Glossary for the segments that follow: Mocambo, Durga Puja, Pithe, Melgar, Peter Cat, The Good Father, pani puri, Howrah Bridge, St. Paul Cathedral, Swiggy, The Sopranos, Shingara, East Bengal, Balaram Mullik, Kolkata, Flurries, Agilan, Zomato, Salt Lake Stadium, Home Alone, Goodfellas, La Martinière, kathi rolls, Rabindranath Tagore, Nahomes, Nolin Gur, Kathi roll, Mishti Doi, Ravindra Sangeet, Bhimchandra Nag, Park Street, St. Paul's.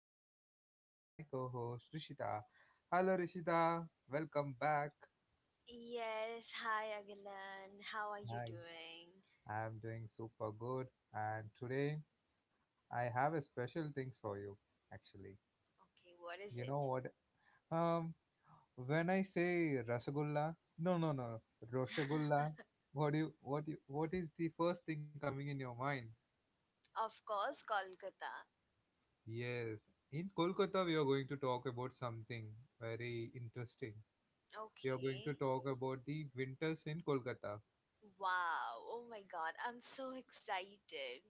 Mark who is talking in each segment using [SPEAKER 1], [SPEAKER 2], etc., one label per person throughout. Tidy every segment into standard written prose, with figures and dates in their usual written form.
[SPEAKER 1] and joining with me my co-host Rishita. Hello Rishita, welcome back.
[SPEAKER 2] Yes, hi Agilan. How are you
[SPEAKER 1] Hi,
[SPEAKER 2] doing?
[SPEAKER 1] I'm doing super good and today I have a special things for you actually.
[SPEAKER 2] Okay, what
[SPEAKER 1] You
[SPEAKER 2] is
[SPEAKER 1] know
[SPEAKER 2] it?
[SPEAKER 1] what? Um when I say rasagulla, no, no, no, roshagulla, what is the first thing coming in your mind?
[SPEAKER 2] Of course, Kolkata.
[SPEAKER 1] Yes, in Kolkata, we are going to talk about something very interesting. We are going to
[SPEAKER 2] Okay.
[SPEAKER 1] talk about the winters in Kolkata.
[SPEAKER 2] Wow. Oh my god, I'm so excited.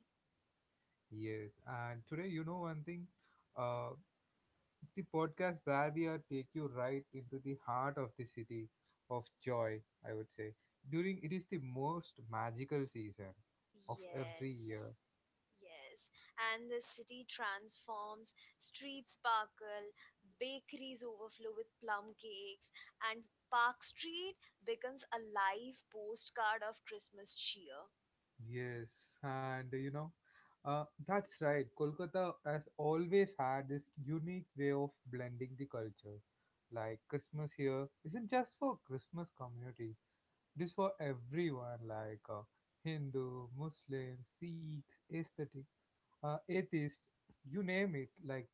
[SPEAKER 1] Yes, and today, one thing, uh, the podcast where we are take you right into the heart of the city of joy, I would say. During it is the most magical season of every year.
[SPEAKER 2] Yes. Yes. And the city transforms, streets sparkle, bakeries overflow with plum cakes, and Park Street becomes a live postcard of Christmas cheer.
[SPEAKER 1] Yes, and that's right. Kolkata has always had this unique way of blending the culture. Like Christmas here isn't just for Christmas community; it is for everyone, like Hindu, Muslim, Sikhs, aesthetic, atheists, you name it. Like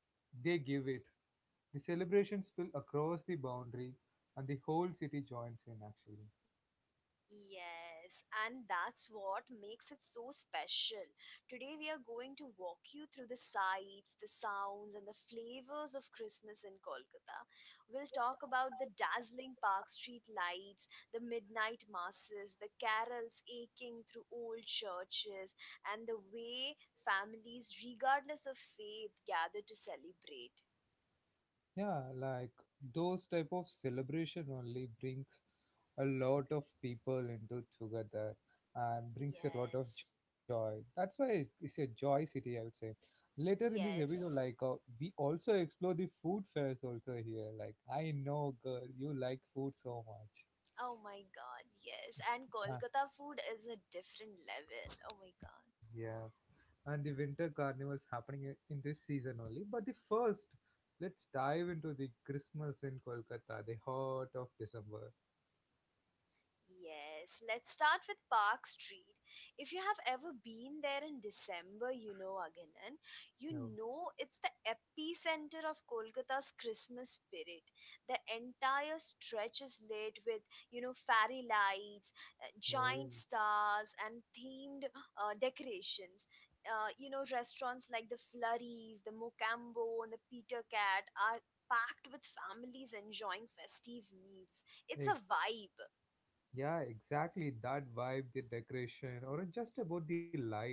[SPEAKER 1] they give it. The celebrations spill across the boundary, and the whole city joins in. Actually.
[SPEAKER 2] Yes, and that's what makes it so special. Today, we are going to walk you through the sights, the sounds, and the flavors of Christmas in Kolkata. We'll talk about the dazzling Park Street lights, the midnight masses, the carols aching through old churches, and the way families, regardless of faith, gather to celebrate.
[SPEAKER 1] Yeah, like those type of celebration only brings a lot of people into together and brings a lot of
[SPEAKER 2] Yes,
[SPEAKER 1] joy. That's why it's a joy city, I would say. Later in this episode,
[SPEAKER 2] yes.
[SPEAKER 1] like we also explore the food fairs also here. Like I know, girl, you like food so much.
[SPEAKER 2] Oh my god, yes. And
[SPEAKER 1] uh,
[SPEAKER 2] Kolkata food is a different level. Oh my god.
[SPEAKER 1] yeah, and the winter carnivals happening in this season only. But the first, let's dive into the Christmas in Kolkata, the heart of December.
[SPEAKER 2] Yes, let's start with Park Street. If you have ever been there in December, you know, Aghilan, you know it's the epicenter of Kolkata's Christmas spirit. The entire stretch is lit with, you know, fairy lights,
[SPEAKER 1] Oh,
[SPEAKER 2] giant stars, and themed decorations. You know, restaurants like the Flurries, the Mocambo, and the Peter Cat are packed with families enjoying festive meals. It's
[SPEAKER 1] e-
[SPEAKER 2] a vibe.
[SPEAKER 1] yeah, exactly that vibe, the decoration, or just about the lights.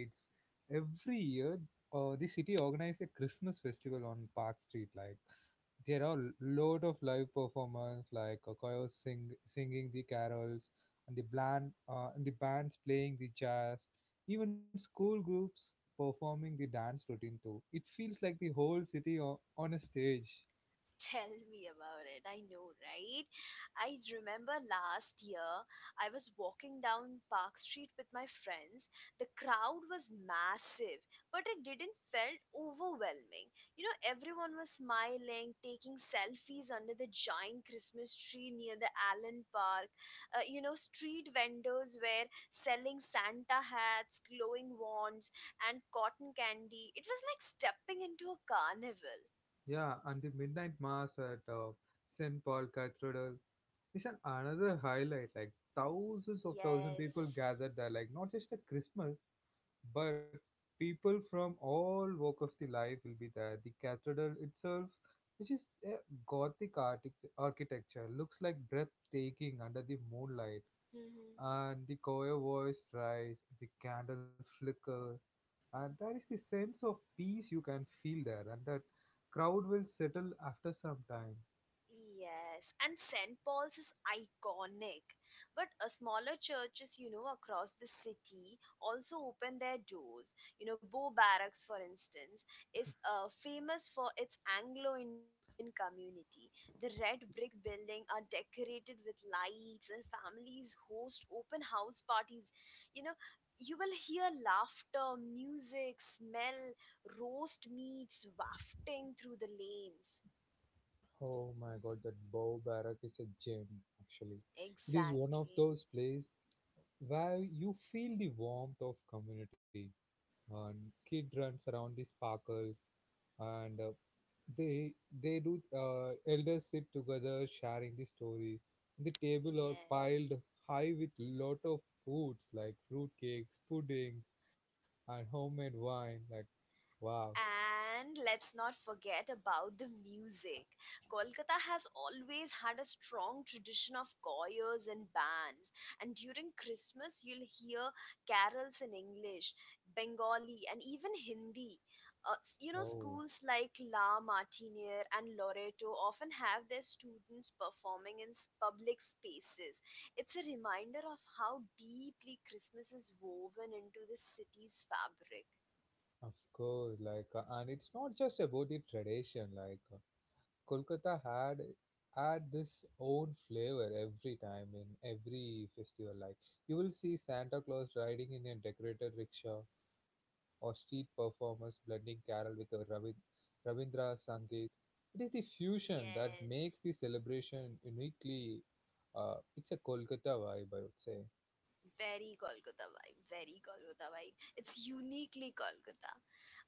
[SPEAKER 1] Every year, the city organizes a Christmas festival on Park Street. Like there are a lot of live performance, like a choir singing the carols, and the bands playing the jazz, even school groups performing the dance routine too. It feels like the whole city on a stage.
[SPEAKER 2] Tell me about it. I know, right? I remember last year I was walking down Park Street with my friends. The crowd was massive, but it didn't felt overwhelming. You know, everyone was smiling, taking selfies under the giant Christmas tree near the Allen Park. You know, street vendors were selling Santa hats, glowing wands, and cotton candy. It was like stepping into a carnival.
[SPEAKER 1] Yeah, and the midnight mass at St. Paul Cathedral is an another highlight. Like thousands of thousand people
[SPEAKER 2] Yes.
[SPEAKER 1] gathered there. Like not just at Christmas, but people from all walk of the life will be there. The cathedral itself, which is a Gothic architecture, looks like breathtaking under the moonlight,
[SPEAKER 2] Mhm.
[SPEAKER 1] and the choir voice rise, the candle flickers, and there is the sense of peace you can feel there, and that crowd will settle after some time.
[SPEAKER 2] Yes, and St. Paul's is iconic. But smaller churches, you know, across the city also open their doors. You know, Bow Barracks, for instance, is famous for its Anglo Indian community. The red brick building are decorated with lights, and families host open house parties. You know, you will hear laughter, music, smell, roast meats wafting through the lanes.
[SPEAKER 1] Oh my god, that Bow Barrack is a gem, actually. It is one of
[SPEAKER 2] Exactly.
[SPEAKER 1] those places where you feel the warmth of community. And kid runs around the sparkles, and they they do elders sit together sharing the story. The table are piled
[SPEAKER 2] Yes.
[SPEAKER 1] high with lot of foods like fruit cakes, puddings, and homemade wine. Like, wow.
[SPEAKER 2] And let's not forget about the music. Kolkata has always had a strong tradition of choirs and bands. And during Christmas, you'll hear carols in English, Bengali, and even Hindi. You know,
[SPEAKER 1] Oh,
[SPEAKER 2] schools like La Martiniere and Loreto often have their students performing in public spaces. It's a reminder of how deeply Christmas is woven into the city's fabric.
[SPEAKER 1] of course, like and it's not just about the tradition, like Kolkata had this own flavor every time in every festival. Like you will see Santa Claus riding in a decorated rickshaw, or street performers blending carol with a Ravindra Sangeet. It is the fusion that makes
[SPEAKER 2] Yes.
[SPEAKER 1] the celebration uniquely. It's a Kolkata vibe, I would say.
[SPEAKER 2] Very Golgotha vibe, very Golgotha vibe. It's uniquely Golgotha.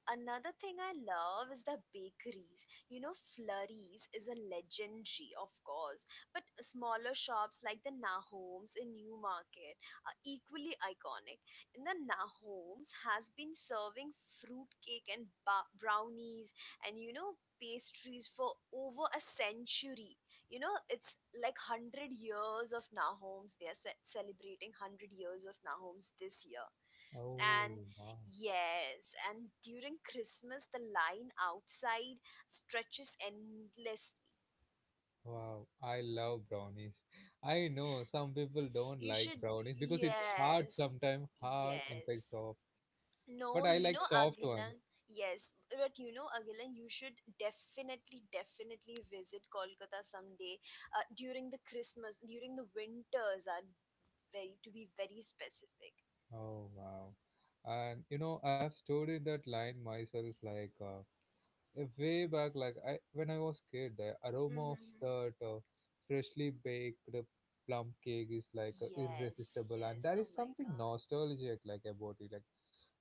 [SPEAKER 2] Another thing I love is the bakeries. You know, Flurries is a legendary, of course, but smaller shops like the Nahomes in Newmarket are equally iconic. And the Nahomes has been serving fruitcake and brownies and you know pastries for over a century. You know, it's like 100 years of Nahomes. They are celebrating 100 years of Nahomes this year and
[SPEAKER 1] Oh, wow,
[SPEAKER 2] yes, and during Christmas, the line outside stretches endlessly.
[SPEAKER 1] wow! I love brownies. I know some people don't
[SPEAKER 2] You
[SPEAKER 1] like
[SPEAKER 2] should,
[SPEAKER 1] brownies because it's hard
[SPEAKER 2] yes,
[SPEAKER 1] sometimes, hard inside
[SPEAKER 2] yes.
[SPEAKER 1] soft. But
[SPEAKER 2] No,
[SPEAKER 1] I like
[SPEAKER 2] you know,
[SPEAKER 1] soft one.
[SPEAKER 2] Agilan, yes, but you know, Agilan, you should definitely, definitely visit Kolkata someday during the Christmas, during the winters, are very to be very specific.
[SPEAKER 1] Oh, wow! And I've studied that line myself, like way back, like I when I was kid, the aroma of
[SPEAKER 2] Mm-hmm.
[SPEAKER 1] that freshly baked plum cake is like
[SPEAKER 2] Yes,
[SPEAKER 1] irresistible, and
[SPEAKER 2] yes.
[SPEAKER 1] there
[SPEAKER 2] Oh
[SPEAKER 1] is
[SPEAKER 2] my
[SPEAKER 1] something
[SPEAKER 2] God.
[SPEAKER 1] nostalgic like about it. Like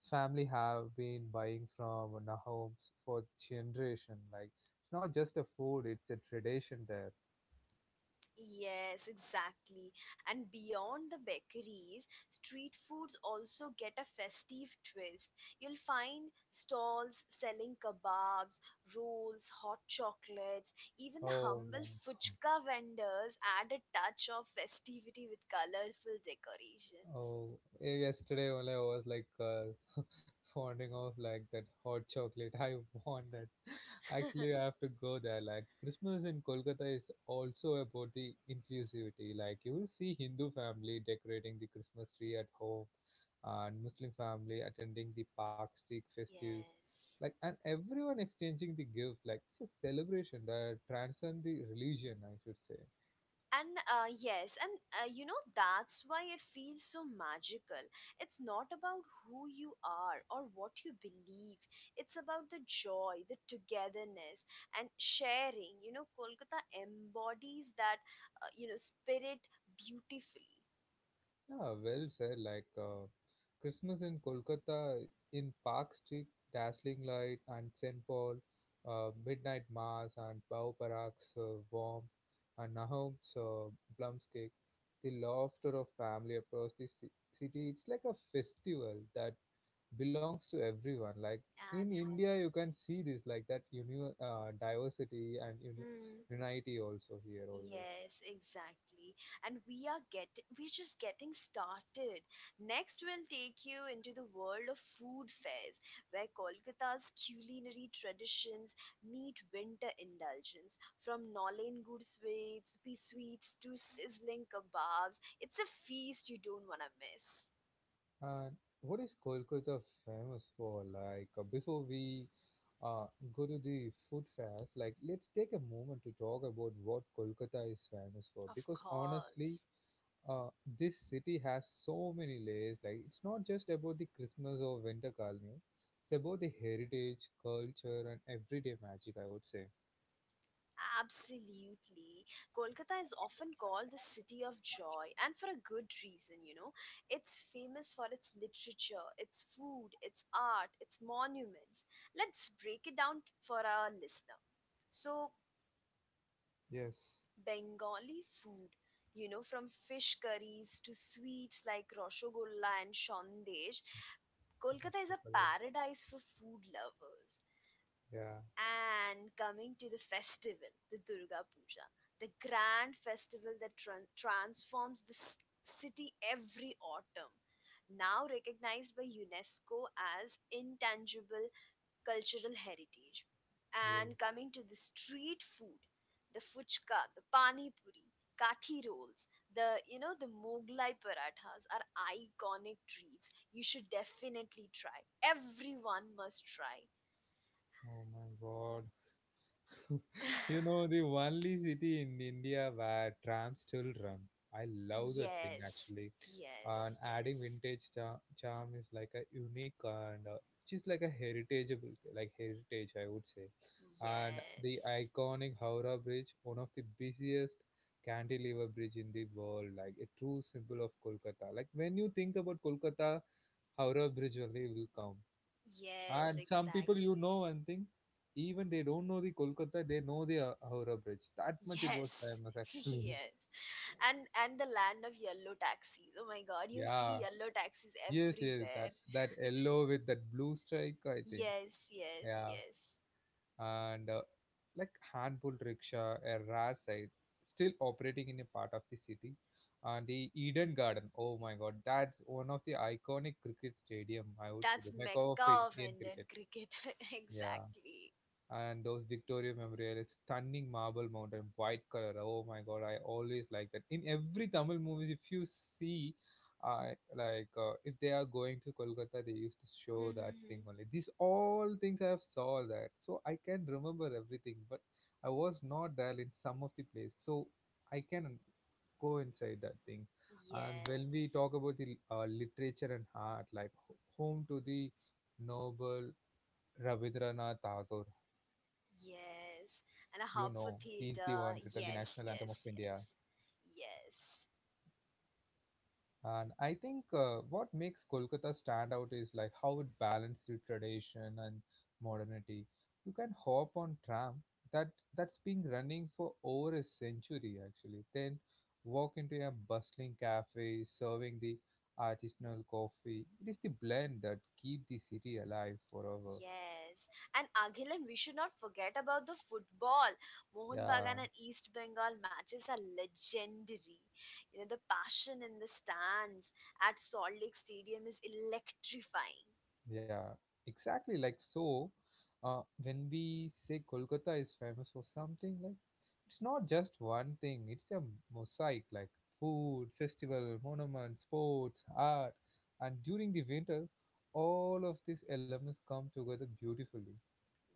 [SPEAKER 1] family have been buying from our homes for generation. Like it's not just a food; it's a tradition there.
[SPEAKER 2] Yes, exactly. And beyond the bakeries, street foods also get a festive twist. You'll find stalls selling kebabs, rolls, hot chocolates. Even the
[SPEAKER 1] Oh
[SPEAKER 2] humble
[SPEAKER 1] my god.
[SPEAKER 2] fuchka vendors add a touch of festivity with colorful decorations.
[SPEAKER 1] Oh, yesterday only I was like fonding of like that hot chocolate. I want that. Actually, I have to go there. Like Christmas in Kolkata is also about the inclusivity. Like you will see Hindu family decorating the Christmas tree at home, and Muslim family attending the Park Street festives.
[SPEAKER 2] Yes.
[SPEAKER 1] Like and everyone exchanging the gift. Like it's a celebration that transcends the religion. I should say.
[SPEAKER 2] And you know, that's why it feels so magical. It's not about who you are or what you believe, it's about the joy, the togetherness, and sharing. You know, Kolkata embodies that, you know, spirit beautifully.
[SPEAKER 1] Yeah, well said. Like Christmas in Kolkata in Park Street, dazzling light, and St. Paul, midnight mass, and Pau Parak's warmth, and Nahum's plums cake, the laughter of family across the city. It's like a festival that belongs to everyone. Like in
[SPEAKER 2] Absolutely.
[SPEAKER 1] India, you can see this, like that diversity and
[SPEAKER 2] Hmm.
[SPEAKER 1] unity also here always.
[SPEAKER 2] Yes, exactly. And we're just getting started. Next we'll take you into the world of food fairs where Kolkata's culinary traditions meet winter indulgence from Nolain gur sweets, pea sweets to sizzling kebabs. It's a feast you don't want to miss.
[SPEAKER 1] And what is Kolkata famous for? Like, before we uh, go to the food fairs, like, let's take a moment to talk about what Kolkata is famous for.
[SPEAKER 2] Of
[SPEAKER 1] Because honestly,
[SPEAKER 2] course.
[SPEAKER 1] uh, this city has so many layers. Like, it's not just about the Christmas or winter carnival. It's about the heritage, culture, and everyday magic. I would say.
[SPEAKER 2] Absolutely. Kolkata is often called the city of joy, and for a good reason, you know. It's famous for its literature, its food, its art, its monuments. Let's break it down for our listener. So,
[SPEAKER 1] Yes.
[SPEAKER 2] Bengali food, you know, from fish curries to sweets like Roshogolla and Shondesh, Kolkata is a
[SPEAKER 1] Ashokala.
[SPEAKER 2] paradise for food lovers.
[SPEAKER 1] Yeah.
[SPEAKER 2] And coming to the festival, the Durga Puja, the grand festival that transforms the city every autumn, now recognized by UNESCO as intangible cultural heritage. And
[SPEAKER 1] Yes.
[SPEAKER 2] coming to the street food, the fuchka, the pani puri, kathi rolls, the you know the Moglai parathas are iconic treats. You should definitely try. Everyone must try.
[SPEAKER 1] Oh my God. You know, the only city in India where trams still run. I love that thing
[SPEAKER 2] Yes,
[SPEAKER 1] actually. And
[SPEAKER 2] yes,
[SPEAKER 1] adding
[SPEAKER 2] yes,
[SPEAKER 1] vintage charm is like a unique and just like a heritageable, like heritage, I would say. And the
[SPEAKER 2] yes,
[SPEAKER 1] iconic Howrah Bridge, one of the busiest cantilever bridge in the world, like a true symbol of Kolkata. Like when you think about Kolkata, Howrah Bridge only will come.
[SPEAKER 2] yes,
[SPEAKER 1] And some people you
[SPEAKER 2] exactly.
[SPEAKER 1] know one thing, even they don't know the Kolkata, they know the Howrah Bridge. That much it was
[SPEAKER 2] Yes,
[SPEAKER 1] famous actually.
[SPEAKER 2] yes, and and the land of yellow taxis. Oh my God, you'll see
[SPEAKER 1] Yeah.
[SPEAKER 2] yellow taxis
[SPEAKER 1] Yes, yes,
[SPEAKER 2] everywhere.
[SPEAKER 1] that yellow with that blue strike, I think.
[SPEAKER 2] Yes, yes,
[SPEAKER 1] Yeah.
[SPEAKER 2] yes.
[SPEAKER 1] And like handful rickshaw, a rare sight, still operating in a part of the city. And the Eden Garden, oh my God, that's one of the iconic cricket stadium, I would say,
[SPEAKER 2] That's
[SPEAKER 1] the mecca of
[SPEAKER 2] Mecca of
[SPEAKER 1] Indian
[SPEAKER 2] Indian
[SPEAKER 1] cricket.
[SPEAKER 2] cricket.
[SPEAKER 1] Yeah.
[SPEAKER 2] Exactly.
[SPEAKER 1] And those Victoria Memorial, is stunning marble mountain, white color. Oh my god, I always like that. In every Tamil movies, if you see, I like if they are going to Kolkata, they used to show that thing
[SPEAKER 2] Mhm.
[SPEAKER 1] only. These all things I have saw that, so I can remember everything. But I was not there in some of the place, so I can go inside that thing. And when we
[SPEAKER 2] Yes,
[SPEAKER 1] talk about the literature and art, like home to the noble Rabindranath Tagore,
[SPEAKER 2] yes,
[SPEAKER 1] he's
[SPEAKER 2] and
[SPEAKER 1] the
[SPEAKER 2] a hub
[SPEAKER 1] one
[SPEAKER 2] for
[SPEAKER 1] written the
[SPEAKER 2] theater.
[SPEAKER 1] national anthem of
[SPEAKER 2] Yes,
[SPEAKER 1] India.
[SPEAKER 2] yes, yes, yes.
[SPEAKER 1] And I think what makes Kolkata stand out is like how it balances the tradition and modernity. You can hop on tram that that's been running for over a century actually. Then walk into a bustling cafe serving the artisanal coffee. It is the blend that keep the city alive forever.
[SPEAKER 2] Yes, and Aghilan, we should not forget about the football. Mohan Bagan
[SPEAKER 1] Yeah.
[SPEAKER 2] and East Bengal matches are legendary. You know, the passion in the stands at Salt Lake Stadium is electrifying.
[SPEAKER 1] Yeah, exactly. Like so, when we say Kolkata is famous for something, like it's not just one thing. It's a mosaic, like food, festival, monuments, sports, art, and during the winter, all of these elements come together beautifully.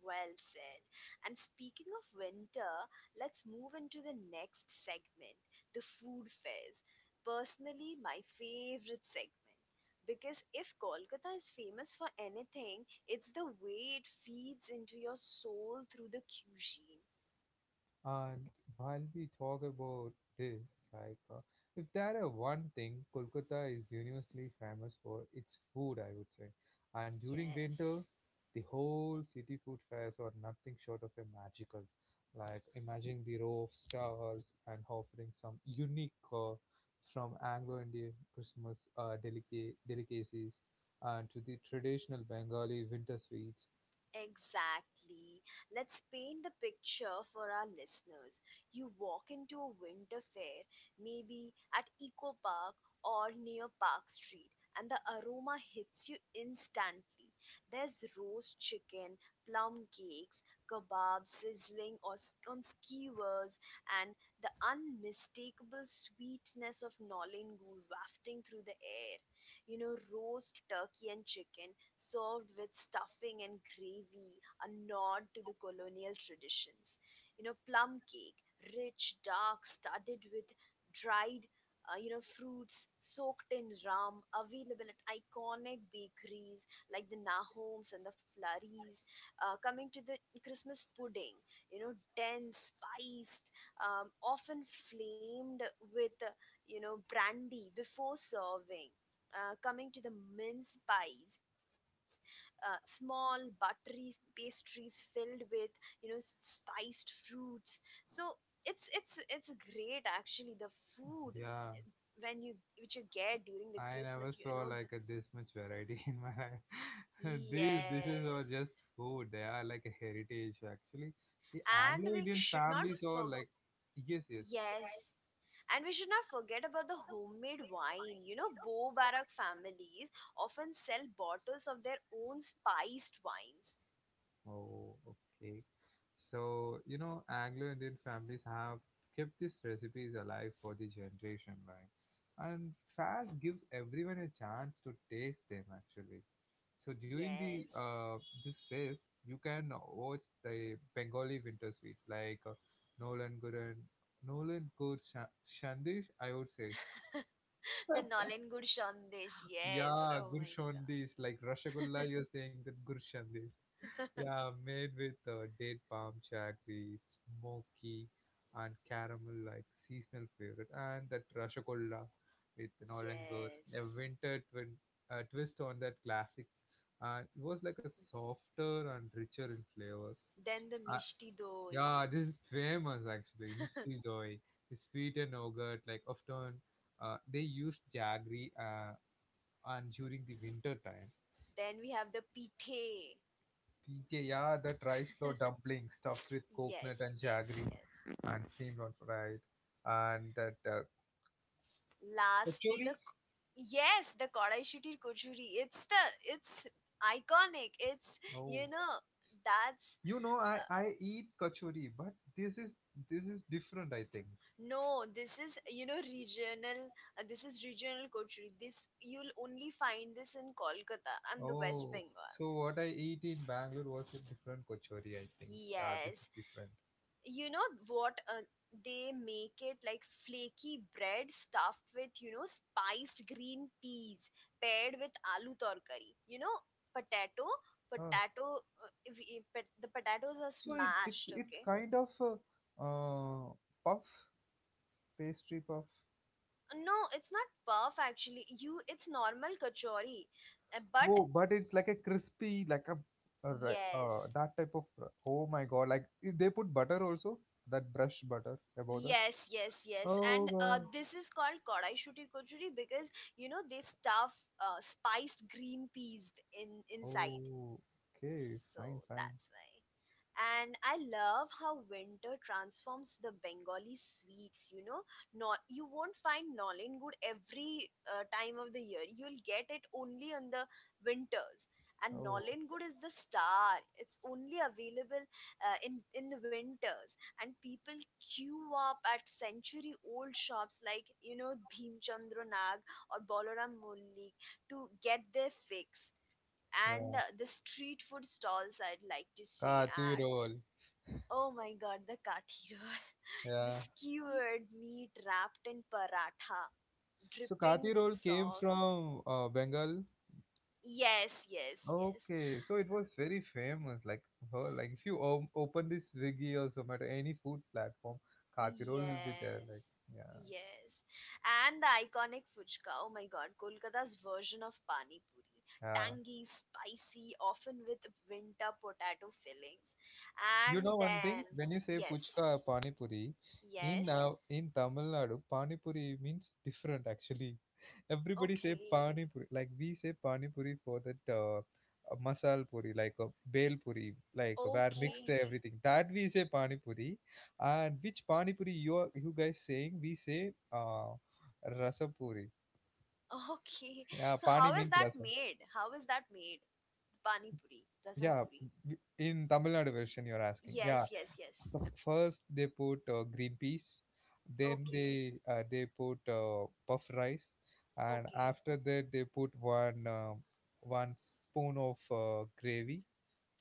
[SPEAKER 2] Well said. And speaking of winter, let's move into the next segment the food fairs. Personally, my favorite segment. Because if Kolkata is famous for anything, it's the way it feeds into your soul through the cuisine.
[SPEAKER 1] And while we talk about this, like if there are one thing, Kolkata is universally famous for its food, I would say. And during winter,
[SPEAKER 2] Yes.
[SPEAKER 1] the whole city food fairs are nothing short of a magical. Like imagine the row of stalls and offering some unique from Anglo-Indian Christmas delicacies and to the traditional Bengali winter sweets.
[SPEAKER 2] Exactly. Let's paint the picture for our listeners. You walk into a winter fair, maybe at Eco Park or near Park Street, and the aroma hits you instantly. There's roast chicken, plum cakes, kebabs sizzling or on skewers, and the unmistakable sweetness of Nolin Gul wafting through the air. You know, roast turkey and chicken served with stuffing and gravy, a nod to the colonial traditions. You know, plum cake, rich, dark, studded with dried, you know, fruits soaked in rum, available at iconic bakeries like the Nahoms and the Flurries. Coming to the Christmas pudding, you know, dense, spiced, often flamed with, you know, brandy before serving coming to the mince pies, small buttery pastries filled with you know spiced fruits so it's great actually the food
[SPEAKER 1] Yeah,
[SPEAKER 2] when you which you get during the
[SPEAKER 1] I
[SPEAKER 2] Christmas you
[SPEAKER 1] never saw
[SPEAKER 2] know the,
[SPEAKER 1] like a, this much variety in my life. These dishes are
[SPEAKER 2] yes
[SPEAKER 1] just food. They are like a heritage actually. The
[SPEAKER 2] and we
[SPEAKER 1] Anglo-Indian
[SPEAKER 2] should not
[SPEAKER 1] families are
[SPEAKER 2] for
[SPEAKER 1] like yes, yes.
[SPEAKER 2] yes and we should not forget about the homemade wine you know Bo Barak families often sell bottles of their own spiced wines
[SPEAKER 1] Oh, okay. So, Anglo-Indian families have kept these recipes alive for the generation, like, and fast gives everyone a chance to taste them actually. So during the
[SPEAKER 2] yes.
[SPEAKER 1] this phase, you can watch the Bengali winter sweets like Nolan Guran, Nolan Gur Shandish, I would say.
[SPEAKER 2] The Nolen Gur Sandesh, yes.
[SPEAKER 1] Yeah,
[SPEAKER 2] Oh
[SPEAKER 1] Gur
[SPEAKER 2] my god,
[SPEAKER 1] Shandish, like Rasgulla, you're saying that Gur Shandish. Yeah, made with date palm jaggery, smoky, and caramel like seasonal favorite, and that rasgulla with an olangur, a
[SPEAKER 2] yes.
[SPEAKER 1] winter twin, twist on that classic. It was like a softer and richer in flavor.
[SPEAKER 2] Then the
[SPEAKER 1] Uh,
[SPEAKER 2] Mishti Doi.
[SPEAKER 1] yeah, this is famous actually, Misty Doi, the sweet and yogurt. Like often, they used jaggery and during the winter time.
[SPEAKER 2] Then we have the Pithe.
[SPEAKER 1] PK, yeah, that rice flour dumpling stuffs with coconut
[SPEAKER 2] Yes,
[SPEAKER 1] and jaggery.
[SPEAKER 2] yes, yes.
[SPEAKER 1] And steamrolled fried and that
[SPEAKER 2] Lastly, the
[SPEAKER 1] kachori.
[SPEAKER 2] yes, the Kodai Shutir Kochuri. It's iconic. It's
[SPEAKER 1] Oh,
[SPEAKER 2] you know that's
[SPEAKER 1] you know I
[SPEAKER 2] uh,
[SPEAKER 1] I eat kachori, but this is different. I think.
[SPEAKER 2] no. This is you know regional. This is regional Kochuri. This you'll only find this in Kolkata and the West
[SPEAKER 1] Oh,
[SPEAKER 2] Bengal.
[SPEAKER 1] so what I eat in Bangalore was a different kachori. I think. Yeah, this is
[SPEAKER 2] Yes,
[SPEAKER 1] different.
[SPEAKER 2] you know what they make it like flaky bread stuffed with you know spiced green peas paired with aloo torkari you know potato
[SPEAKER 1] Oh,
[SPEAKER 2] potato. If, but the potatoes are
[SPEAKER 1] so it, it's
[SPEAKER 2] smashed,
[SPEAKER 1] it's
[SPEAKER 2] okay,
[SPEAKER 1] kind of a, uh puff pastry puff.
[SPEAKER 2] no it's not puff actually you it's normal kachori. But
[SPEAKER 1] Whoa, but it's like a crispy like a.
[SPEAKER 2] yes
[SPEAKER 1] That type of oh my god, like they put butter also, that brushed butter above that.
[SPEAKER 2] yes yes yes
[SPEAKER 1] Oh,
[SPEAKER 2] and
[SPEAKER 1] wow.
[SPEAKER 2] this is called kodai shuti kochuri because you know they stuff spiced green peas in inside.
[SPEAKER 1] Oh, okay, fine,
[SPEAKER 2] So
[SPEAKER 1] fine.
[SPEAKER 2] that's why. And I love how winter transforms the Bengali sweets. You know, not you won't find nolin good every time of the year. You'll get it only on the winters. And
[SPEAKER 1] Oh,
[SPEAKER 2] nolin good is the star. It's only available in the winters. And people queue up at century-old shops like you know Bhimchandra Nag or Balaram Mullik to get their fix and
[SPEAKER 1] yeah.
[SPEAKER 2] the street food stalls I'd like to say
[SPEAKER 1] Kathi
[SPEAKER 2] add.
[SPEAKER 1] roll.
[SPEAKER 2] Oh my god, the kathi roll. The
[SPEAKER 1] Yeah.
[SPEAKER 2] skewered meat wrapped in paratha,
[SPEAKER 1] So
[SPEAKER 2] dripping
[SPEAKER 1] Kathi
[SPEAKER 2] with
[SPEAKER 1] roll came
[SPEAKER 2] sauces.
[SPEAKER 1] from Bengal.
[SPEAKER 2] Yes, yes, yes.
[SPEAKER 1] Okay, so it was very famous. Like, her, like if you open this Swiggy or Zomato, any food platform, Kathi roll will be there. Like,
[SPEAKER 2] Yes.
[SPEAKER 1] yeah,
[SPEAKER 2] Yes. And the iconic fuchka. Oh my god, Kolkata's version of pani puri.
[SPEAKER 1] yeah.
[SPEAKER 2] Tangy, spicy, often with winter potato fillings.
[SPEAKER 1] You know
[SPEAKER 2] And
[SPEAKER 1] one thing?
[SPEAKER 2] then,
[SPEAKER 1] When you say puchka
[SPEAKER 2] yes,
[SPEAKER 1] or pani puri, in
[SPEAKER 2] yes.
[SPEAKER 1] uh, in Tamil Nadu, pani puri means different actually. Everybody say
[SPEAKER 2] Okay.
[SPEAKER 1] pani puri like we say pani puri for that masal puri like a bel puri, like where mixed
[SPEAKER 2] Okay.
[SPEAKER 1] everything that we say pani puri. And which pani puri you are, you guys saying, we say uh, rasa puri.
[SPEAKER 2] Okay.
[SPEAKER 1] Yeah,
[SPEAKER 2] So
[SPEAKER 1] pani
[SPEAKER 2] how is
[SPEAKER 1] means
[SPEAKER 2] that
[SPEAKER 1] rasa.
[SPEAKER 2] made? How is that made? Pani puri, rasam
[SPEAKER 1] Yeah,
[SPEAKER 2] puri.
[SPEAKER 1] w- in Tamil Nadu version you're asking, yeah.
[SPEAKER 2] Yes, yes, yes.
[SPEAKER 1] So first they put green peas, then
[SPEAKER 2] Okay.
[SPEAKER 1] they put puff rice, and
[SPEAKER 2] Okay.
[SPEAKER 1] after that they put one spoon of gravy,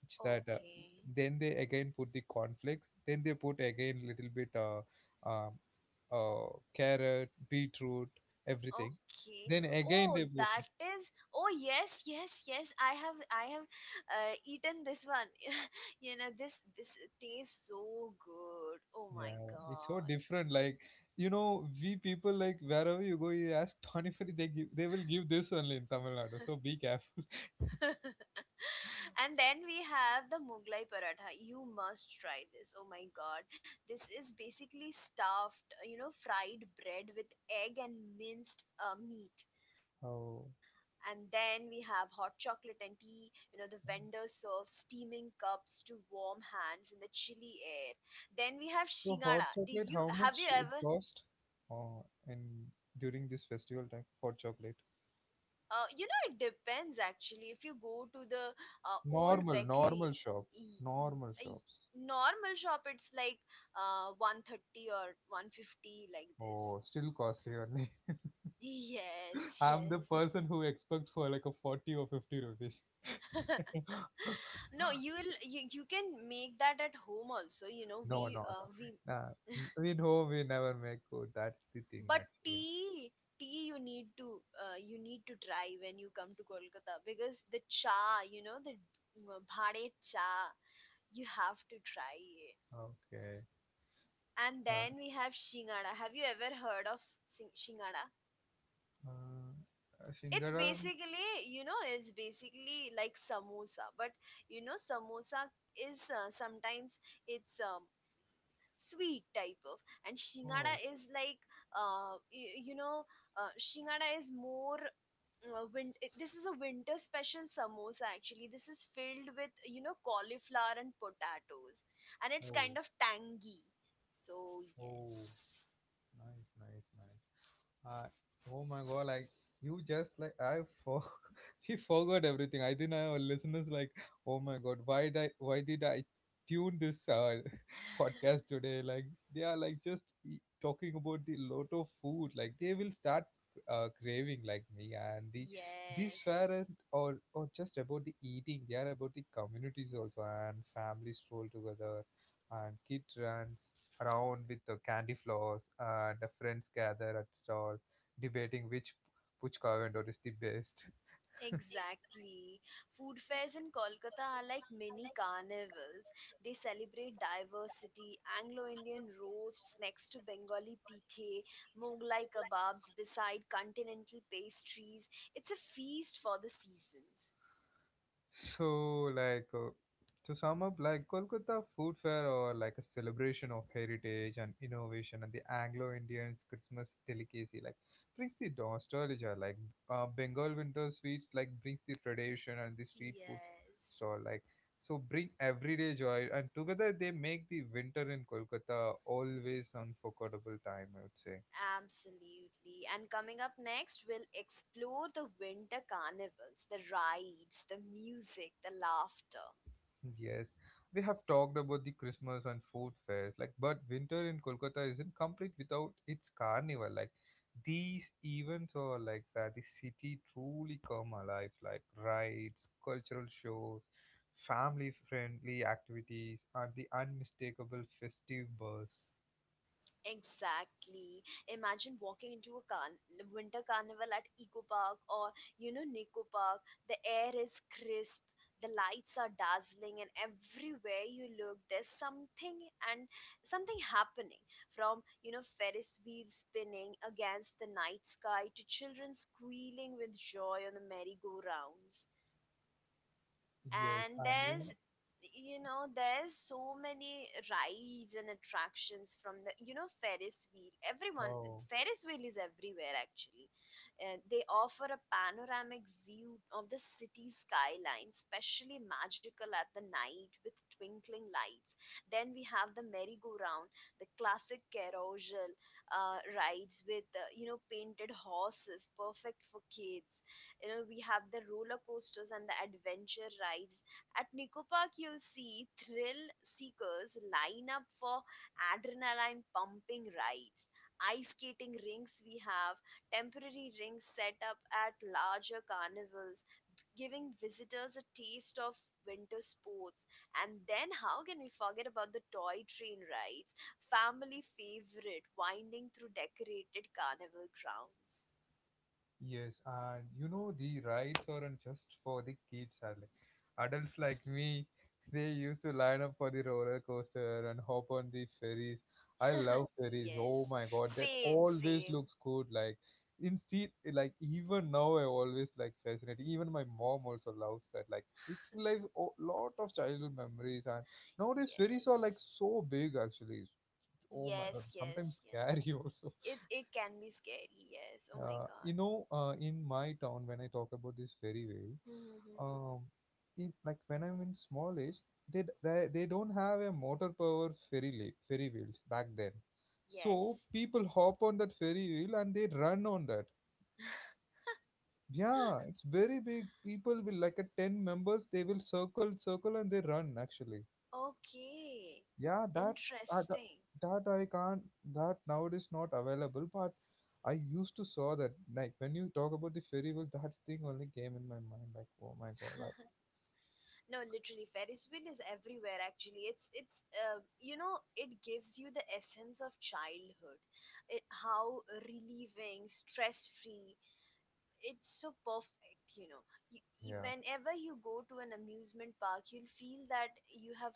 [SPEAKER 1] which that
[SPEAKER 2] Okay.
[SPEAKER 1] then they again put the cornflakes. Then they put again little bit um carrot, beetroot, everything.
[SPEAKER 2] Okay.
[SPEAKER 1] Then again
[SPEAKER 2] Oh,
[SPEAKER 1] they put.
[SPEAKER 2] that is oh, yes, yes, yes. I have eaten this one. You know, this tastes so good. Oh my
[SPEAKER 1] Yeah, it's so
[SPEAKER 2] god.
[SPEAKER 1] different. Like, you know, we people, like wherever you go, you ask Pani Puri, they give, they will give this only in Tamil Nadu. So be careful.
[SPEAKER 2] And then we have the Mughlai paratha. You must try this. Oh my god. This is basically stuffed, you know, fried bread with egg and minced meat.
[SPEAKER 1] Oh,
[SPEAKER 2] And then we have hot chocolate and tea. You know, the vendor serves steaming cups to warm hands in the chilly air. Then we have
[SPEAKER 1] so
[SPEAKER 2] Shingara.
[SPEAKER 1] hot
[SPEAKER 2] Did you
[SPEAKER 1] chocolate, how
[SPEAKER 2] have you
[SPEAKER 1] much
[SPEAKER 2] ever?
[SPEAKER 1] it cost? Oh, and during this festival time, hot chocolate.
[SPEAKER 2] You know, it depends actually. If you go to the old
[SPEAKER 1] Normal, normal
[SPEAKER 2] bakeries,
[SPEAKER 1] shop, normal shops.
[SPEAKER 2] normal shop it's like 130 or 150 like this.
[SPEAKER 1] Oh, still costly only.
[SPEAKER 2] Yes,
[SPEAKER 1] I'm the
[SPEAKER 2] yes.
[SPEAKER 1] person who expect for like a 40 or 50 rupees.
[SPEAKER 2] No, you can make that at home also, you know.
[SPEAKER 1] No, no, no.
[SPEAKER 2] We
[SPEAKER 1] Nah, in home we never make food. That's the thing
[SPEAKER 2] But
[SPEAKER 1] actually.
[SPEAKER 2] tea, tea you need to try when you come to Kolkata, because the cha, you know, the bhane cha, you have to try it.
[SPEAKER 1] Okay.
[SPEAKER 2] And
[SPEAKER 1] Nah,
[SPEAKER 2] then we have shingada. Have you ever heard of shingada?
[SPEAKER 1] uh,
[SPEAKER 2] It's
[SPEAKER 1] Singara.
[SPEAKER 2] basically, you know, it's basically like samosa, but you know samosa is sometimes it's sweet type of. And shingada
[SPEAKER 1] Oh,
[SPEAKER 2] is like uh, you, you know, shingada is more uh, this is a winter special samosa actually. This is filled with, you know, cauliflower and potatoes, and it's kind
[SPEAKER 1] oh,
[SPEAKER 2] of tangy. So
[SPEAKER 1] oh.
[SPEAKER 2] yes,
[SPEAKER 1] Nice, nice, nice. I oh my god, like you just like I for she forgot everything. I think our listeners like, oh my god, why did I tune this podcast today? Like they are like just talking about the lot of food. Like they will start craving like me. And the these
[SPEAKER 2] yes.
[SPEAKER 1] parents not or just about the eating. They are about the communities also, and families roll together and kid runs around with the candy floss, and the friends gather at stall debating which puchka vendor is the best.
[SPEAKER 2] Exactly. Food fairs in Kolkata are like mini carnivals. They celebrate diversity: Anglo Indian roasts next to Bengali pithe, Mughlai kebabs beside continental pastries. It's a feast for the seasons.
[SPEAKER 1] So, like to sum up, like Kolkata Food Fair or like a celebration of heritage and innovation, and the Anglo-Indians Christmas delicacy like brings the nostalgia. Like Bengal winter sweets like brings the tradition, and the street foods
[SPEAKER 2] Yes,
[SPEAKER 1] stall like so bring everyday joy, and together they make the winter in Kolkata always unforgettable time, I would say.
[SPEAKER 2] absolutely. And coming up next, we'll explore the winter carnivals, the rides, the music, the laughter.
[SPEAKER 1] Yes, we have talked about the Christmas and food fairs, like, but winter in Kolkata isn't complete without its carnival. Like, these events are like that the city truly come alive, like rides, cultural shows, family-friendly activities, and the unmistakable festive buzz.
[SPEAKER 2] Exactly. Imagine walking into a winter carnival at Eco Park or, you know, Nico Park. The air is crisp, the lights are dazzling, and everywhere you look, there's something happening. From, you know, Ferris wheels spinning against the night sky to children squealing with joy on the merry-go-rounds.
[SPEAKER 1] Yes,
[SPEAKER 2] And
[SPEAKER 1] and you
[SPEAKER 2] there's
[SPEAKER 1] know,
[SPEAKER 2] you know there's so many rides and attractions. From the, you know, ferris wheel, everyone—
[SPEAKER 1] oh.
[SPEAKER 2] ferris wheel is everywhere actually, and they offer a panoramic view of the city skyline, especially magical at the night with twinkling lights. Then we have the merry-go-round, the classic carousel, rides with, you know, painted horses, perfect for kids. You know, we have the roller coasters and the adventure rides. At Nico Park you'll see thrill seekers line up for adrenaline pumping rides. Ice skating rinks: we have temporary rinks set up at larger carnivals, giving visitors a taste of winter sports. And then, how can we forget about the toy train rides, family favorite, winding through decorated carnival grounds.
[SPEAKER 1] Yes, and you know the rides aren't just for the kids, are like adults like me. They used to line up for the roller coaster and hop on the ferries. I love ferries. Oh
[SPEAKER 2] yes,
[SPEAKER 1] my god, that
[SPEAKER 2] same,
[SPEAKER 1] always
[SPEAKER 2] same.
[SPEAKER 1] looks good. Like instead, like even now, I always like fascinated. Even my mom also loves that. Like it's like a lot of childhood memories. And nowadays, ferries are like
[SPEAKER 2] Yes,
[SPEAKER 1] so big actually. Oh my
[SPEAKER 2] yes,
[SPEAKER 1] god, sometimes
[SPEAKER 2] yes, yes.
[SPEAKER 1] scary also.
[SPEAKER 2] It can be scary, yes, oh my god.
[SPEAKER 1] In my town, when I talk about this ferry wave,
[SPEAKER 2] Mhm.
[SPEAKER 1] um, in, like when I'm in small age, they, d- they don't have a motor power ferry wheels back then. So
[SPEAKER 2] Yes.
[SPEAKER 1] people hop on that ferry wheel and they run on that. Yeah, it's very big. People will like a 10 members. They will circle, circle, and they run actually.
[SPEAKER 2] okay.
[SPEAKER 1] Yeah, that uh, tha-
[SPEAKER 2] Interesting.
[SPEAKER 1] that I can't, that nowadays not available. But I used to saw that like when you talk about the fairy world, that thing only came in my mind. Like oh my god, like
[SPEAKER 2] No, literally, ferris wheel is everywhere actually. It's you know, it gives you the essence of childhood. It, how, relieving, stress free. It's so perfect, you know.
[SPEAKER 1] yeah,
[SPEAKER 2] Whenever you go to an amusement park, you'll feel that you have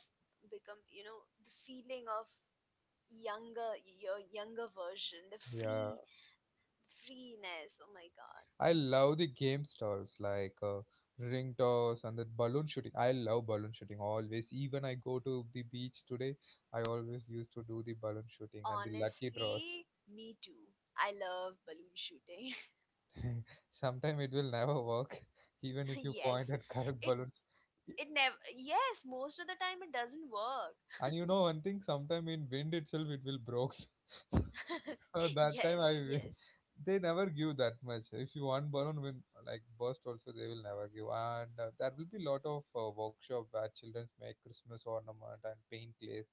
[SPEAKER 2] become, you know, the feeling of younger, your younger version, the
[SPEAKER 1] yeah.
[SPEAKER 2] free freeness, oh my god.
[SPEAKER 1] I love
[SPEAKER 2] It's
[SPEAKER 1] the game stalls like ring toss and the balloon shooting. I love balloon shooting always. Even I go to the beach today, I always used to do the balloon shooting and the lucky draws.
[SPEAKER 2] honestly me too. I love balloon shooting.
[SPEAKER 1] Sometime it will never work, even if you point at
[SPEAKER 2] yes.
[SPEAKER 1] correct balloons.
[SPEAKER 2] It it never— yes, most of the time it doesn't work.
[SPEAKER 1] And you know one thing, sometime in wind itself it will breaks. That time
[SPEAKER 2] yes, yes,
[SPEAKER 1] they never give that much. If you want balloon win like burst also they will never give. And there will be lot of workshop where children make Christmas ornament and paint clays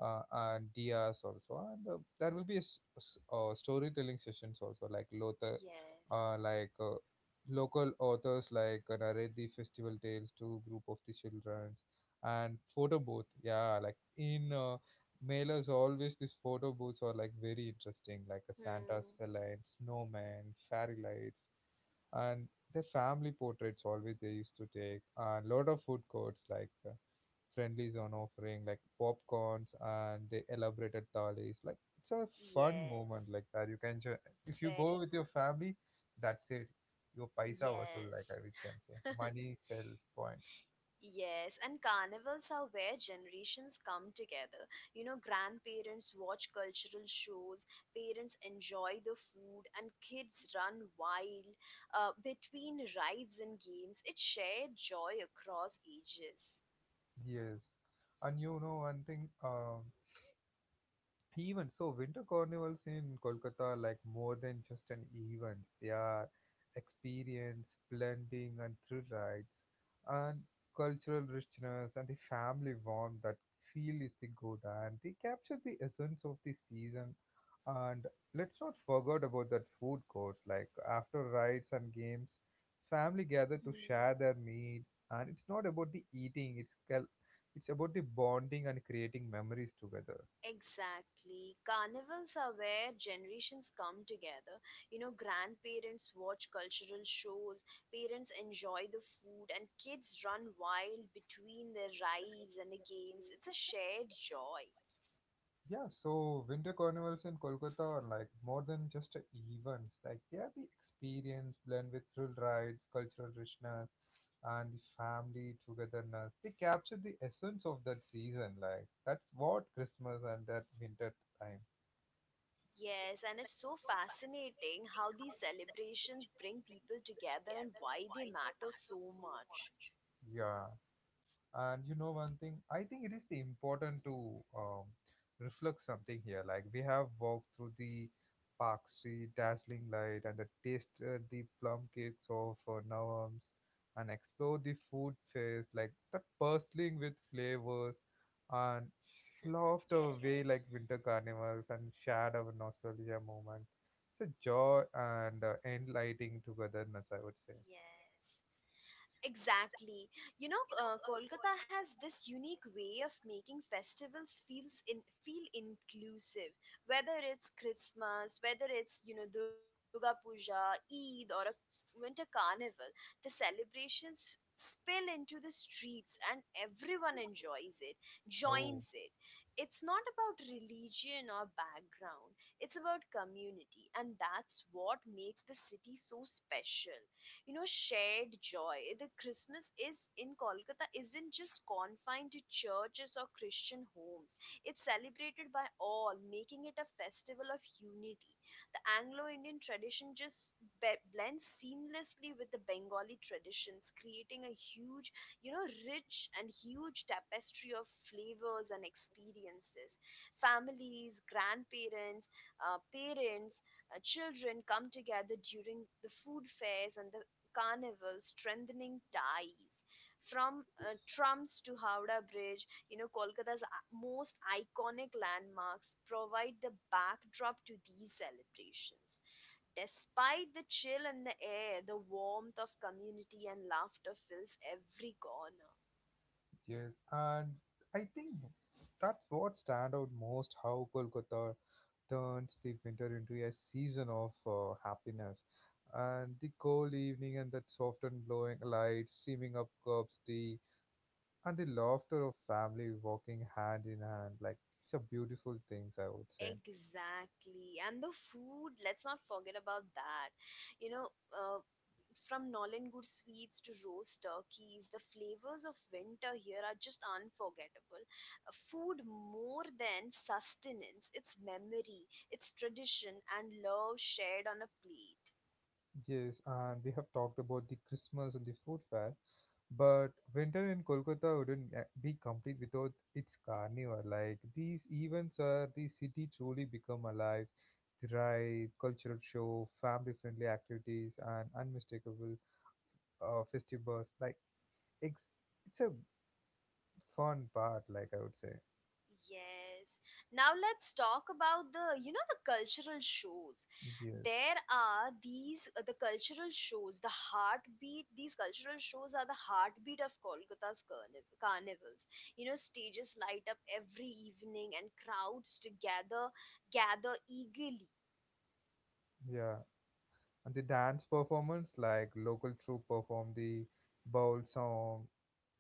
[SPEAKER 1] and dias also. And there will be a, storytelling sessions also like Lothar, uh,
[SPEAKER 2] yes.
[SPEAKER 1] like uh, local authors like narrate the festival tales to group of the children and photo booth. Yeah, like in. Mailers always these photo booths are like very interesting, like a santa's
[SPEAKER 2] Hmm.
[SPEAKER 1] salad, snowman, fairy lights, and the family portraits, always they used to take. A lot of food courts like friendly zone offering like popcorns and the elaborated thalis, like it's a fun moment
[SPEAKER 2] Yes.
[SPEAKER 1] like that you can if you go
[SPEAKER 2] Very
[SPEAKER 1] with your
[SPEAKER 2] much.
[SPEAKER 1] family, that's it. Your paisa also, like
[SPEAKER 2] Yes,
[SPEAKER 1] I we can say money sell point.
[SPEAKER 2] yes, and carnivals are where generations come together. You know, grandparents watch cultural shows, parents enjoy the food, and kids run wild between rides and games. It's shared joy across ages.
[SPEAKER 1] Yes, and you know one thing, um, even so, winter carnivals in Kolkata like more than just an event. They are experience, blending, and thrill rides, and cultural richness, and the family warmth that feel is the good. And they capture the essence of the season. And let's not forget about that food courts. Like after rides and games, family gather to
[SPEAKER 2] Hmm.
[SPEAKER 1] share their meals. And it's not about the eating; it's about the bonding and creating memories together.
[SPEAKER 2] Exactly. Carnivals are where generations come together. You know, grandparents watch cultural shows, parents enjoy the food, and kids run wild between their rides and the games. It's a shared joy.
[SPEAKER 1] Yeah, so winter carnivals in Kolkata are like more than just a events. Like they are the experience blend with thrill rides, cultural richness, and the family togetherness. They capture the essence of that season. Like that's what Christmas and that winter time.
[SPEAKER 2] Yes, and it's so fascinating how these celebrations bring people together and why they matter so much.
[SPEAKER 1] Yeah. And you know one thing, I think it is the important to reflect something here. Like we have walked through the Park Street dazzling light, and the tasted the plum cakes of Nawams, and explored the food fairs like that bustling with flavors, and laughed away
[SPEAKER 2] Yes,
[SPEAKER 1] like winter carnivals, and shared our nostalgia moments. It's a joy and enlightening togetherness, I would say.
[SPEAKER 2] yes. Exactly. You know, Kolkata has this unique way of making festivals feel inclusive. Whether it's Christmas, whether it's, you know, Durga Puja, Eid, or a winter carnival, the celebrations spill into the streets, and everyone enjoys it,
[SPEAKER 1] Oh,
[SPEAKER 2] joins it. It's not about religion or background. It's about community, and that's what makes the city so special. You know, shared joy: the Christmas is in Kolkata isn't just confined to churches or Christian homes. It's celebrated by all, making it a festival of unity. The Anglo-Indian tradition just blends seamlessly with the Bengali traditions, creating a huge, you know, rich and huge tapestry of flavors and experiences. Families, grandparents, parents, children come together during the food fairs and the carnival, strengthening ties. From
[SPEAKER 1] yes.
[SPEAKER 2] trams to Howrah Bridge, you know, Kolkata's most iconic landmarks provide the backdrop to these celebrations. Despite the chill in the air, the warmth of community and laughter fills every corner.
[SPEAKER 1] Yes, and I think that's what stand out most, how Kolkata turns the winter into a season of happiness. And the cold evening and that soft and glowing light streaming up curbs tea, and the laughter of family walking hand in hand, like it's a beautiful things, I would say.
[SPEAKER 2] Exactly. And the food, let's not forget about that. You know, uh, from Nollan Good sweets to roast turkeys, the flavors of winter here are just unforgettable. Food, more than sustenance, it's memory, it's tradition, and love shared on a plate.
[SPEAKER 1] Yes, and we have talked about the Christmas and the food fair, but winter in Kolkata wouldn't be complete without its carnival. Like these events where the city truly become alive, the ride, cultural show, family-friendly activities, and unmistakable festivals. Like it's it's a fun part. Like I would say,
[SPEAKER 2] Yes. Now let's talk about the, you know, the cultural shows.
[SPEAKER 1] yes,
[SPEAKER 2] There are these, the cultural shows, the heartbeat— these cultural shows are the heartbeat of Kolkata's carnivals. You know, stages light up every evening and crowds together gather eagerly.
[SPEAKER 1] yeah, and the dance performance, like local troupe perform the bowl song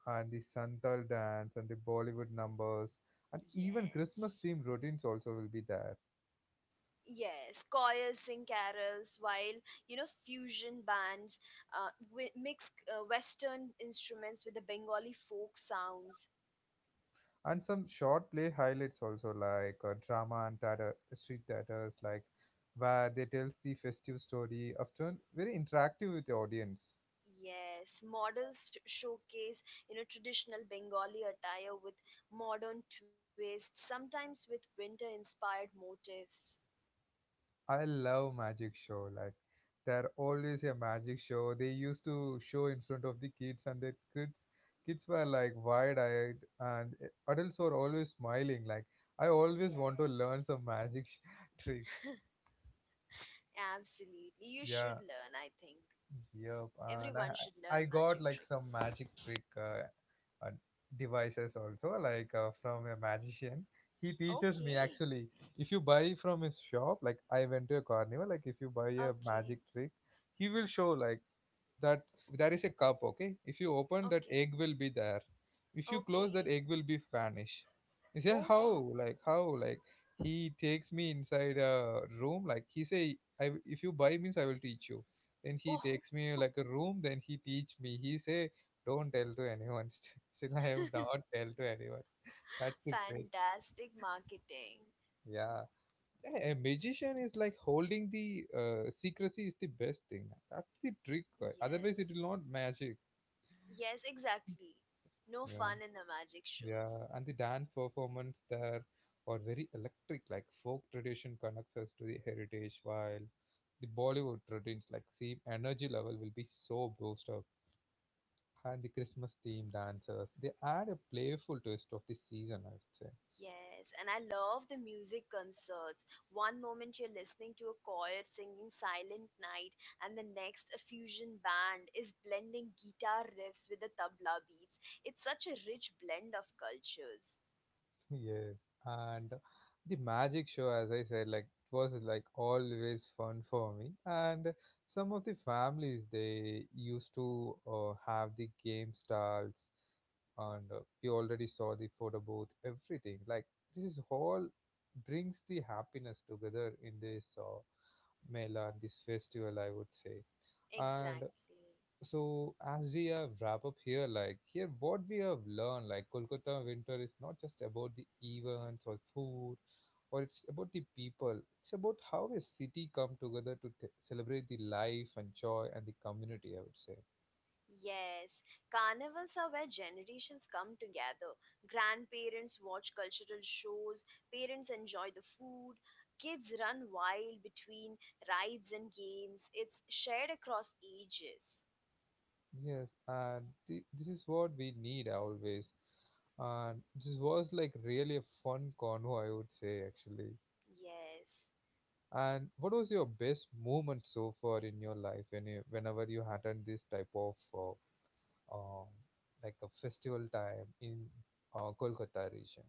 [SPEAKER 1] and the Santal dance and the Bollywood numbers, and even Christmas
[SPEAKER 2] Yes.
[SPEAKER 1] themed routines also will be there.
[SPEAKER 2] Yes, choirs sing carols while, you know, fusion bands mix Western instruments with the Bengali folk sounds.
[SPEAKER 1] And some short play highlights also like drama and theater, street theaters like where they tells the festive story, often very interactive with the audience.
[SPEAKER 2] Yes, models showcase, you know, traditional Bengali attire with modern twists, sometimes with winter-inspired motifs.
[SPEAKER 1] I love magic show. Like there always a magic show. They used to show in front of the kids, and the kids were like wide-eyed, and adults were always smiling. Like I always want to learn
[SPEAKER 2] Yes,
[SPEAKER 1] some tricks.
[SPEAKER 2] absolutely. You should
[SPEAKER 1] Yeah.
[SPEAKER 2] learn, I think.
[SPEAKER 1] Yep, and I
[SPEAKER 2] Everyone should learn
[SPEAKER 1] I
[SPEAKER 2] magic
[SPEAKER 1] got like
[SPEAKER 2] tricks.
[SPEAKER 1] some magic trick uh, devices also, like from a magician. He teaches me
[SPEAKER 2] Okay.
[SPEAKER 1] actually. If you buy from his shop, like I went to a carnival, like if you buy a
[SPEAKER 2] Okay.
[SPEAKER 1] magic trick, he will show like that there is a cup, okay, if you open that,
[SPEAKER 2] Okay.
[SPEAKER 1] egg will be there. If you close,
[SPEAKER 2] Okay.
[SPEAKER 1] that egg will be vanish. He said how,
[SPEAKER 2] Oh,
[SPEAKER 1] like how, like he takes me inside a room, like he say I, if you buy means I will teach you. Then he
[SPEAKER 2] oh,
[SPEAKER 1] takes me like a room, then he teach me, he say don't tell to anyone. Still I have not tell to anyone. That's the trick.
[SPEAKER 2] fantastic marketing.
[SPEAKER 1] Yeah, a magician is like holding the secrecy is the best thing. That's the trick, otherwise it
[SPEAKER 2] Yes.
[SPEAKER 1] will not magic.
[SPEAKER 2] Yes, exactly. No
[SPEAKER 1] Yeah.
[SPEAKER 2] fun in the magic shows.
[SPEAKER 1] Yeah, and the dance performance there are very electric, like folk tradition connects us to the heritage, while the Bollywood routines like same energy level will be so boosted up. And the Christmas theme dancers, they add a playful twist of the season, I would say.
[SPEAKER 2] Yes, and I love the music concerts. One moment you're listening to a choir singing Silent Night, and the next, a fusion band is blending guitar riffs with the tabla beats. It's such a rich blend of cultures.
[SPEAKER 1] Yes, and the magic show, as I said, like it was like always fun for me. And some of the families they used to have the game stalls, and we already saw the photo booth, everything. Like this is all brings the happiness together in this Mela, this festival, I would say. And
[SPEAKER 2] Exactly.
[SPEAKER 1] so as we wrap up here, like here what we have learned, like Kolkata winter is not just about the events or food, or it's about the people, it's about how a city come together to celebrate the life and joy and the community, I would say.
[SPEAKER 2] Yes, carnivals are where generations come together. Grandparents watch cultural shows, parents enjoy the food, kids run wild between rides and games. It's shared across ages.
[SPEAKER 1] Yes, and this is what we need always. And this was like really a fun convo, I would say actually.
[SPEAKER 2] Yes,
[SPEAKER 1] And what was your best moment so far in your life when you, whenever you had done this type of um, like a festival time in Kolkata region.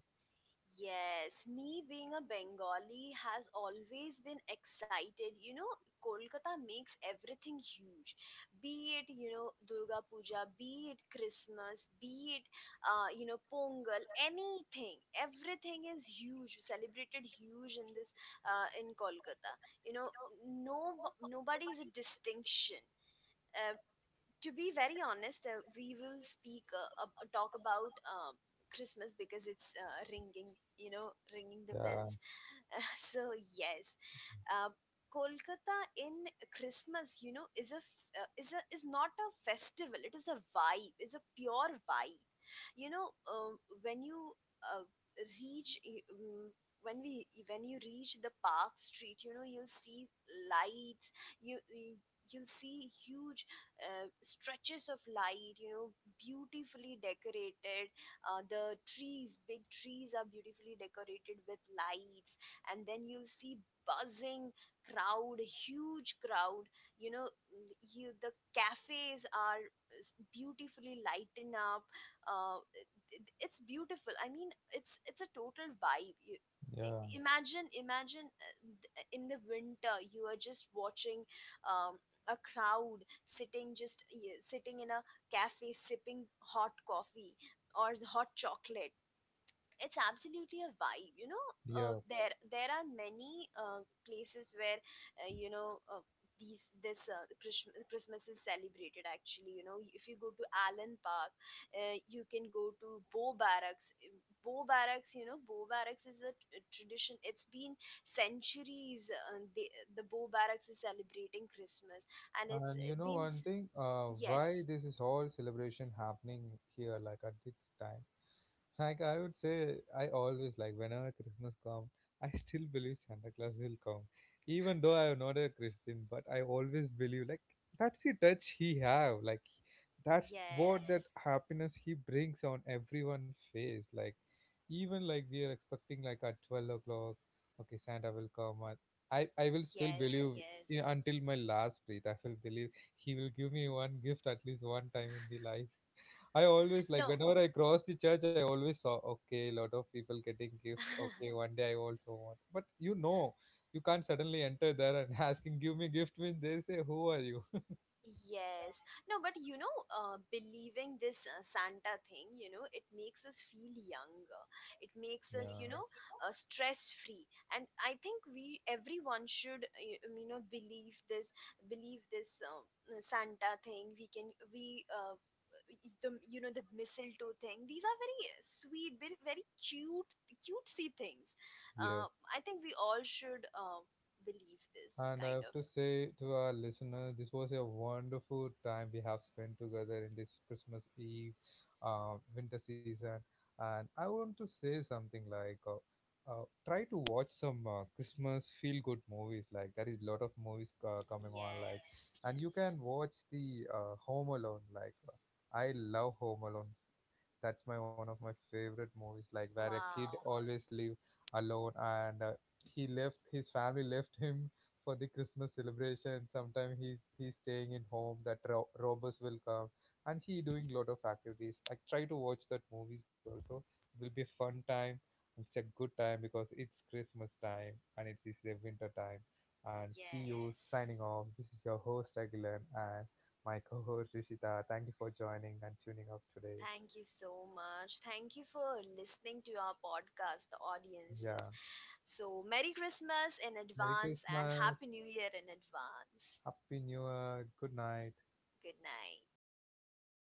[SPEAKER 2] yes. Me being a Bengali has always been excited. You know, Kolkata makes everything huge. Be it, you know, Durga Puja, be it Christmas, be it, you know, Pongal, anything. Everything is huge, celebrated huge in this, in Kolkata. You know, no, nobody is a distinction. Uh, to be very honest, we will speak ab- talk about Christmas because it's ringing, you know, ringing the
[SPEAKER 1] Yeah,
[SPEAKER 2] bells. so yes, uh, Kolkata in Christmas, you know, is not a festival. It is a vibe. It's a pure vibe. You know, when you uh, reach y- when we when you reach the Park Street, you know, you'll see lights. You y- you'll see huge stretches of light, you know, beautifully decorated. The trees, big trees, are beautifully decorated with lights. And then you'll see buzzing crowd, huge crowd, you know. You, the cafes are beautifully lighten up. uh, it's beautiful. I mean, it's a total vibe. you, i-
[SPEAKER 1] yeah,
[SPEAKER 2] imagine imagine, in the winter, you are just watching, um, a crowd sitting, sitting in a cafe, sipping hot coffee or the hot chocolate. It's absolutely a vibe, you know.
[SPEAKER 1] yeah.
[SPEAKER 2] There, there are many places where, you know, these this Christmas is celebrated actually. You know, if you go to Allen Park, you can go to Bow Barracks. Bow Barracks, you know, Bow Barracks is a, a tradition. It's been centuries the Bow Barracks is celebrating Christmas, and it's
[SPEAKER 1] And you know
[SPEAKER 2] been
[SPEAKER 1] one thing, why
[SPEAKER 2] yes,
[SPEAKER 1] this is all celebration happening here, like at this time. Like I would say, I always like whenever Christmas comes, I still believe Santa Claus will come, even though I am not a Christian. But I always believe like that's the touch he have, like that's what that
[SPEAKER 2] yes,
[SPEAKER 1] happiness he brings on everyone's face. Like even like we are expecting like at 12 o'clock, okay, Santa will come. At, I will still
[SPEAKER 2] yes,
[SPEAKER 1] believe,
[SPEAKER 2] yes,
[SPEAKER 1] you know, until my last breath. I will believe he will give me one gift at least one time in the life. I always like
[SPEAKER 2] no.
[SPEAKER 1] whenever I cross the church, I always saw okay, lot of people getting gift. Okay, one day I also want. But you know, you can't suddenly enter there and asking, give me gift means they say, who are you?
[SPEAKER 2] Yes. No, but you know, believing this Santa thing, you know, it makes us feel younger. It makes
[SPEAKER 1] Yeah,
[SPEAKER 2] us, you know, stress free. And I think we, everyone should, you know, believe this, believe this Santa thing. We can, we, y- the You know, the mistletoe thing, these are very sweet, very, very cute cutesy things.
[SPEAKER 1] yeah.
[SPEAKER 2] uh, I think we all should believe this
[SPEAKER 1] And I
[SPEAKER 2] kind
[SPEAKER 1] have
[SPEAKER 2] of—
[SPEAKER 1] to say to our listeners, this was a wonderful time we have spent together in this Christmas Eve, winter season. And I want to say something like, try to watch some Christmas feel-good movies. Like there is a lot of movies coming on. Like,
[SPEAKER 2] yes,
[SPEAKER 1] and you
[SPEAKER 2] yes.
[SPEAKER 1] can watch the Home Alone. Like, I love Home Alone, that's my one of my favorite movies. Like where a kid
[SPEAKER 2] Wow,
[SPEAKER 1] always live alone, and he left, his family left him for the Christmas celebration. Sometimes he he's staying in home. That robbers will come, and he doing lot of activities. I try to watch that movies also. It will be a fun time. And it's a good time because it's Christmas time and it is the winter time. And see you
[SPEAKER 2] yes.
[SPEAKER 1] signing off. This is your host Aguilan and my co-host Rishita. Thank you for joining and tuning up today.
[SPEAKER 2] Thank you so much. Thank you for listening to our podcast, the
[SPEAKER 1] Yeah.
[SPEAKER 2] audiences. So, Merry Christmas in
[SPEAKER 1] Merry
[SPEAKER 2] advance and
[SPEAKER 1] Christmas.
[SPEAKER 2] Happy New Year in advance.
[SPEAKER 1] Happy New Year. Good night.
[SPEAKER 2] Good night.